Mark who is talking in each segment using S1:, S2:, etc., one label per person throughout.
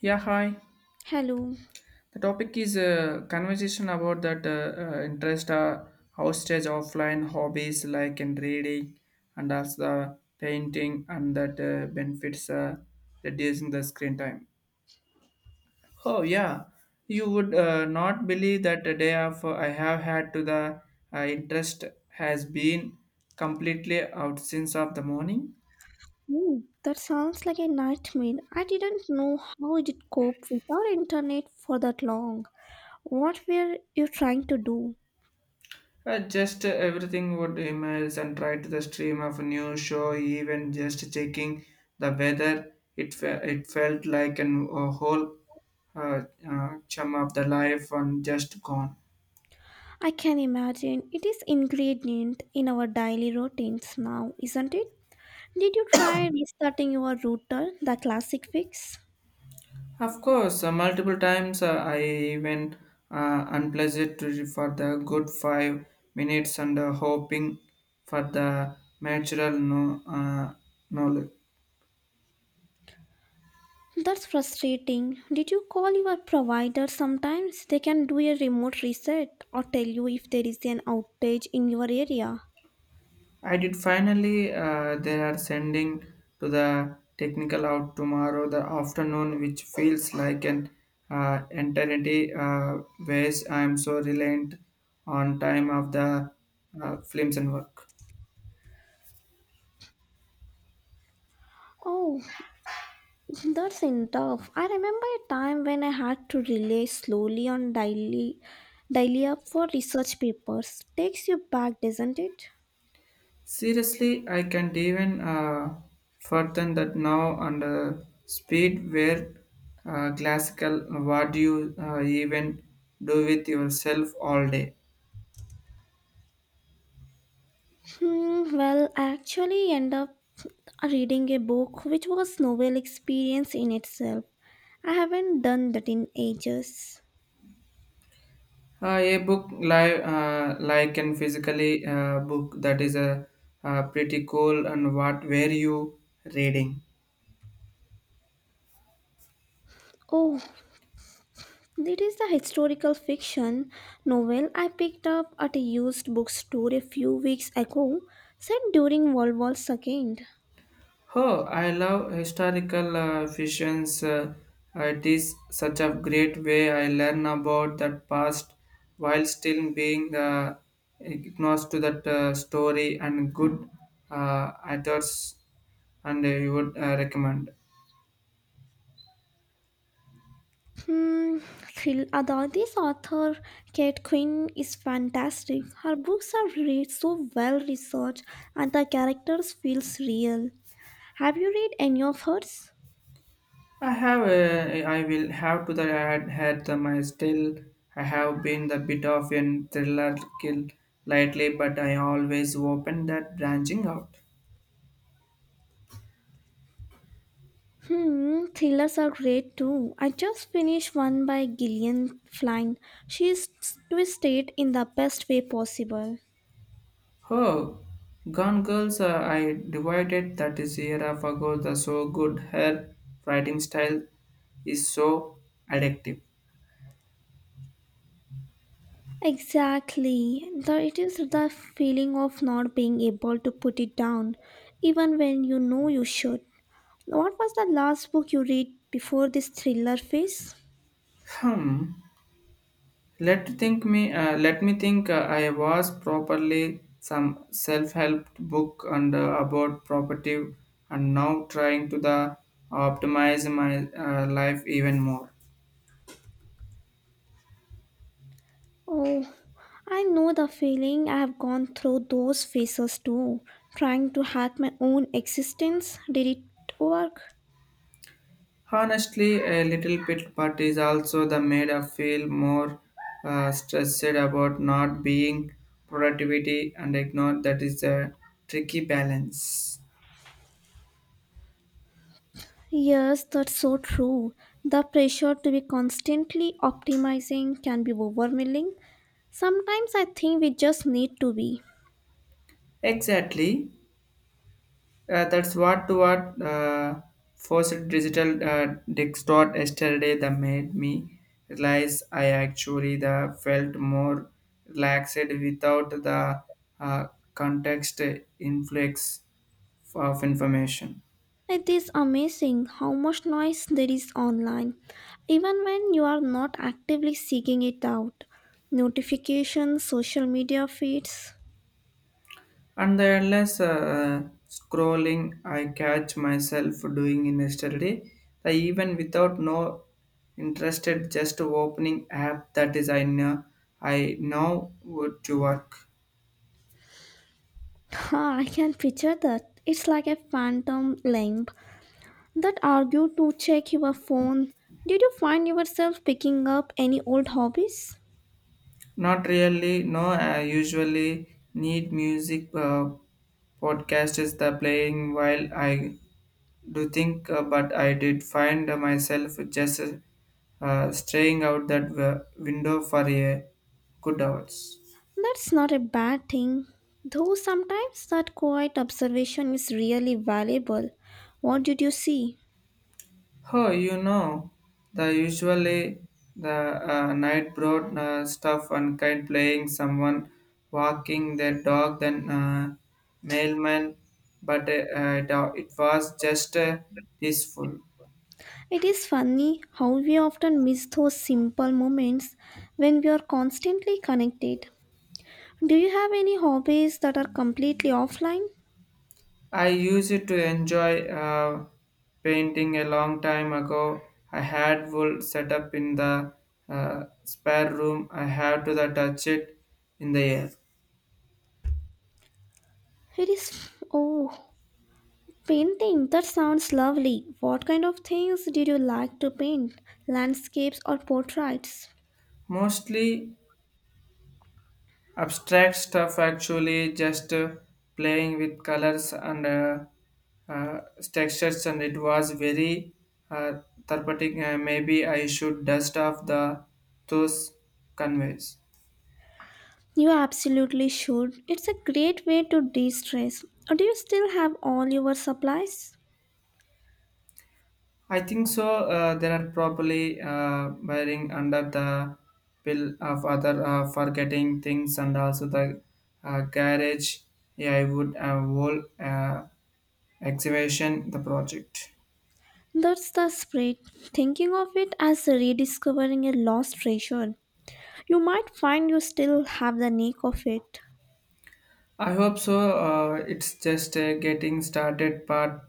S1: Yeah, hi.
S2: Hello.
S1: The topic is a conversation about that interest hostage offline hobbies like in reading and as the painting and that benefits reducing the screen time. Oh yeah, you would not believe that the day of I have had to the interest has been completely out since of the morning.
S2: Hmm, that sounds like a nightmare. I didn't know how you did cope without internet for that long. What were you trying to do?
S1: Just everything would emails and try to the stream of a new show, even just checking the weather. It felt like an, a whole uh, chum of the life and just gone.
S2: I can imagine it is ingredient in our daily routines now, isn't it? Did you try restarting your router, the classic fix?
S1: Of course, multiple times I even unpleasant for the good 5 minutes and hoping for the natural no knowledge.
S2: That's frustrating. Did you call your provider sometimes? They can do a remote reset or tell you if there is an outage in your area.
S1: I did finally. They are sending to the technical out tomorrow the afternoon, which feels like an eternity. Ways I am so reliant on time of the films and work.
S2: Oh, that's enough. I remember a time when I had to rely slowly on daily up for research papers. Takes you back, doesn't it?
S1: Seriously, I can't even further that now under speed where classical. What do you even do with yourself all day?
S2: Hmm, well, I actually end up reading a book which was novel experience in itself. I haven't done that in ages.
S1: A book like and physically book that is a, pretty cool and what were you reading?
S2: Oh, it is the historical fiction novel I picked up at a used bookstore a few weeks ago, set during World War II.
S1: Oh, I love historical fictions. It is such a great way I learn about that past while still being agnostic to that story and good authors and you would recommend.
S2: Hmm, Phil Adadi's author Kate Quinn is fantastic. Her books are read so well researched and the characters feels real. Have you read any of hers?
S1: I will have to that I had the my still I have been the bit of an thriller kill lately, but I always open that branching out.
S2: Hmm, thrillers are great too. I just finished one by Gillian Flynn. She's twisted in the best way possible.
S1: Oh, Gone Girls, I divided that is year of ago. The so good her writing style is so addictive.
S2: Exactly. It is the feeling of not being able to put it down, even when you know you should. What was the last book you read before this thriller phase?
S1: Hmm. Let think me. Let me think. I was properly some self-help book and about property, and now trying to the optimize my life even more.
S2: Oh, I know the feeling. I have gone through those phases too, trying to hack my own existence. Did it work?
S1: Honestly, a little bit, but is also the made I feel more stressed about not being productivity and ignore that is a tricky balance.
S2: Yes, that's so true. The pressure to be constantly optimizing can be overwhelming. Sometimes I think we just need to be.
S1: Exactly. That's what to what forced digital distort yesterday that made me realize I actually the felt more relaxed without the uh, context influx of information.
S2: It is amazing how much noise there is online, even when you are not actively seeking it out. Notifications, social media feeds.
S1: And the endless scrolling I catch myself doing in yesterday, that even without no interested just opening app that is I know would to work.
S2: Ha, I can picture that. It's like a phantom lamp that argue to check your phone. Did you find yourself picking up any old hobbies?
S1: Not really. No, I usually need music. Podcast is the playing while I do think, but I did find myself just straying out that window for a good hours.
S2: That's not a bad thing. Though sometimes that quiet observation is really valuable. What did you see?
S1: Oh, you know, the usually the night brought stuff and kite playing, someone walking their dog, then mailman. But it was just peaceful.
S2: It is funny how we often miss those simple moments when we are constantly connected. Do you have any hobbies that are completely offline?
S1: I used it to enjoy painting a long time ago. I had wool set up in the spare room. I had to the touch it in the air.
S2: It is. Oh, painting. That sounds lovely. What kind of things did you like to paint? Landscapes or portraits?
S1: Mostly abstract stuff actually just playing with colors and uh, textures and it was very uh, therapeutic. Maybe I should dust off the those conveys.
S2: You absolutely should. It's a great way to de stress. Do you still have all your supplies?
S1: I think so. There are probably wearing under the pill of other forgetting things and also the garage. Yeah I would whole excavation the project.
S2: That's the spirit. Thinking of it as rediscovering a lost treasure. You might find you still have the knack of it.
S1: I hope so. It's just a getting started part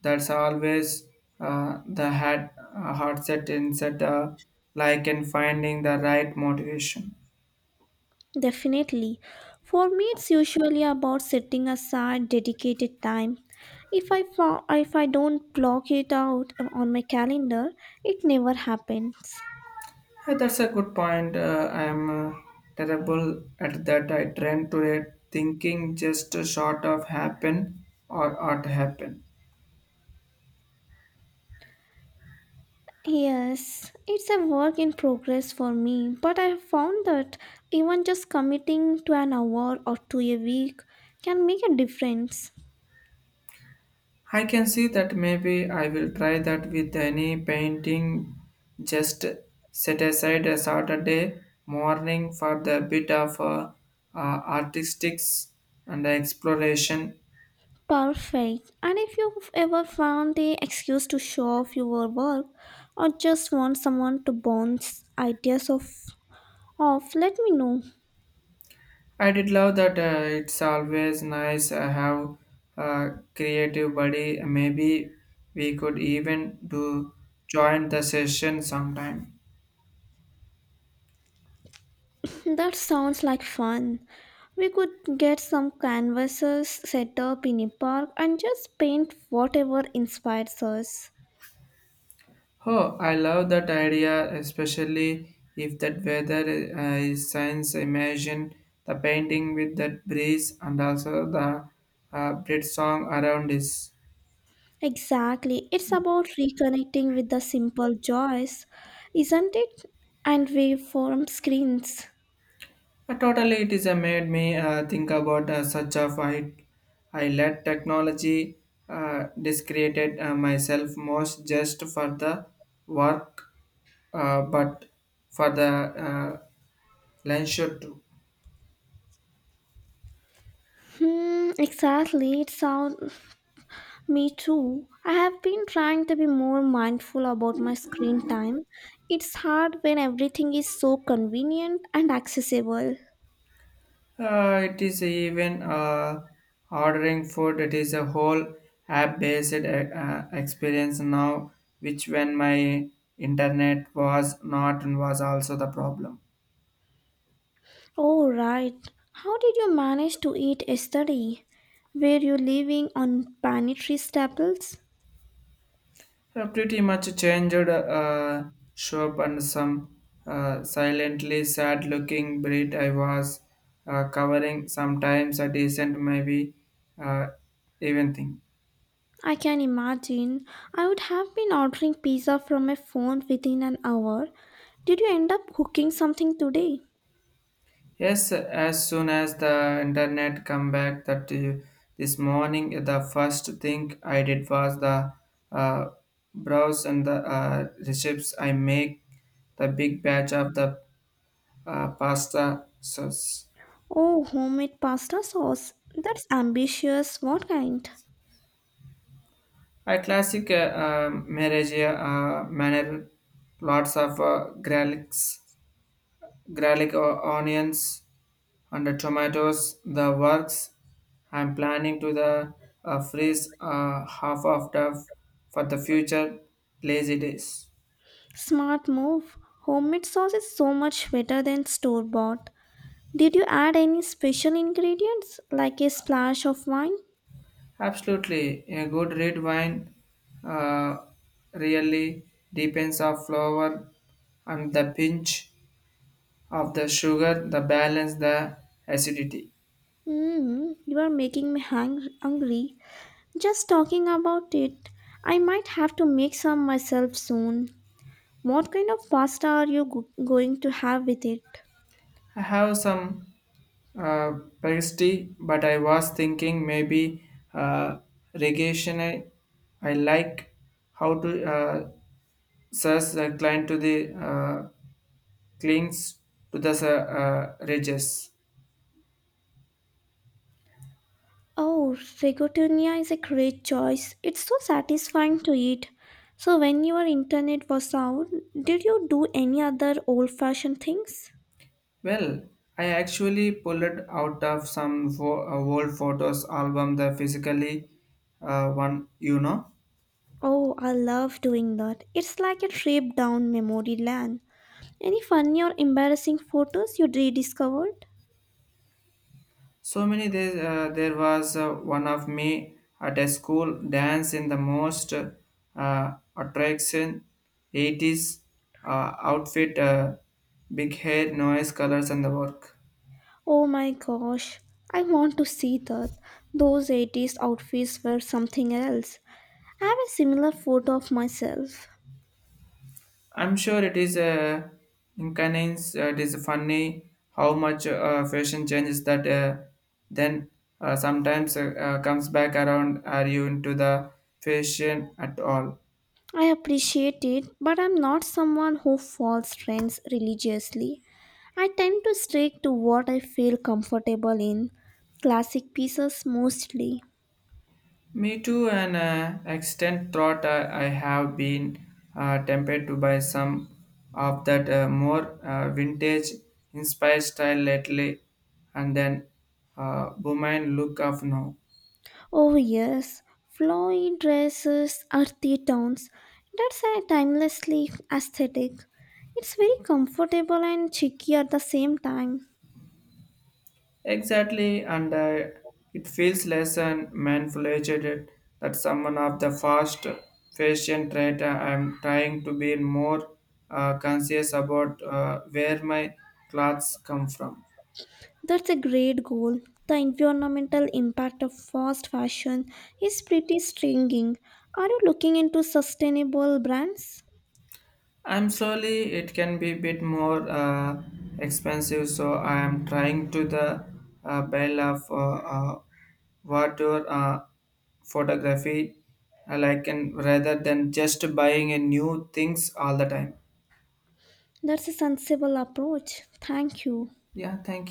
S1: that's always the hard set instead like in finding the right motivation.
S2: Definitely. For me, it's usually about setting aside dedicated time. If I don't block it out on my calendar, it never happens.
S1: That's a good point. I'm terrible at that. I tend to thinking just short of happen or ought to happen.
S2: Yes, it's a work in progress for me, but I have found that even just committing to an hour or two a week can make a difference.
S1: I can see that maybe I will try that with any painting. Just set aside a Saturday morning for the bit of artistics and exploration.
S2: Perfect. And if you've ever found the excuse to show off your work or just want someone to bounce ideas off, let me know.
S1: I did love that it's always nice I have a creative buddy. Maybe we could even do join the session sometime.
S2: That sounds like fun. We could get some canvases set up in a park and just paint whatever inspires us.
S1: Oh, I love that idea, especially if that weather is science. Imagine the painting with that breeze and also the Brit song around this.
S2: Exactly. It's about reconnecting with the simple joys, isn't it? And waveform screens.
S1: Totally, it is made me think about such a fight. I let technology discreated myself most just for the work, but for the leisure too.
S2: Hmm, exactly. It sounds me too. I have been trying to be more mindful about my screen time. It's hard when everything is so convenient and accessible.
S1: It is even ordering food. It is a whole app-based experience now, which when my internet was not and was also the problem.
S2: Oh, right. How did you manage to eat yesterday? Were you living on pantry staples?
S1: Pretty much changed shop and some silently sad-looking breed I was covering. Sometimes a decent, maybe uh, even thing.
S2: I can imagine. I would have been ordering pizza from my phone within an hour. Did you end up cooking something today?
S1: Yes, as soon as the internet come back that this morning, the first thing I did was the uh, browse and the recipes. I make the big batch of the pasta sauce.
S2: Oh, homemade pasta sauce. That's ambitious. What kind?
S1: I classic marriage manner, lots of garlics, garlic or onions, and the tomatoes the works. I'm planning to the freeze half of the for the future lazy days.
S2: Smart move. Homemade sauce is so much better than store bought. Did you add any special ingredients like a splash of wine?
S1: Absolutely a good red wine uh, really depends on flower and the pinch of the sugar the balance the acidity.
S2: Mm, you are making me hungry. Just talking about it, I might have to make some myself soon. What kind of pasta are you going to have with it?
S1: I have some uh, pasty, but I was thinking maybe regation. I like how to search the client to the clings to the ridges.
S2: Oh, rigatoni is a great choice. It's so satisfying to eat. So, when your internet was out, did you do any other old fashioned things?
S1: Well, I actually pulled it out of some old photos album the physically one you know.
S2: Oh, I love doing that. It's like a trip down memory lane. Any funny or embarrassing photos you rediscovered?
S1: So many there, there was one of me at a school dance in the most attraction 80s outfit, big hair, noise, colors, and the work.
S2: Oh my gosh, I want to see that. Those 80s outfits were something else. I have a similar photo of myself.
S1: I'm sure it is inconvenience. It is funny how much fashion changes that then sometimes comes back around. Are you into the fashion at all?
S2: I appreciate it, but I'm not someone who follows trends religiously. I tend to stick to what I feel comfortable in, classic pieces mostly.
S1: Me too, and extent thought I have been tempted to buy some of that more vintage inspired style lately, and then woman look of now.
S2: Oh, yes, flowy dresses are the tones. That's a timelessly aesthetic. It's very comfortable and cheeky at the same time.
S1: Exactly, and it feels less and manipulated that someone of the fast fashion trend. I'm trying to be more conscious about where my clothes come from.
S2: That's a great goal. The environmental impact of fast fashion is pretty stinging. Are you looking into sustainable brands?
S1: I'm sorry, it can be a bit more expensive, so I am trying to the bail of water photography, like and rather than just buying a new things all the time.
S2: That's a sensible approach. Thank you.
S1: Yeah, thank you.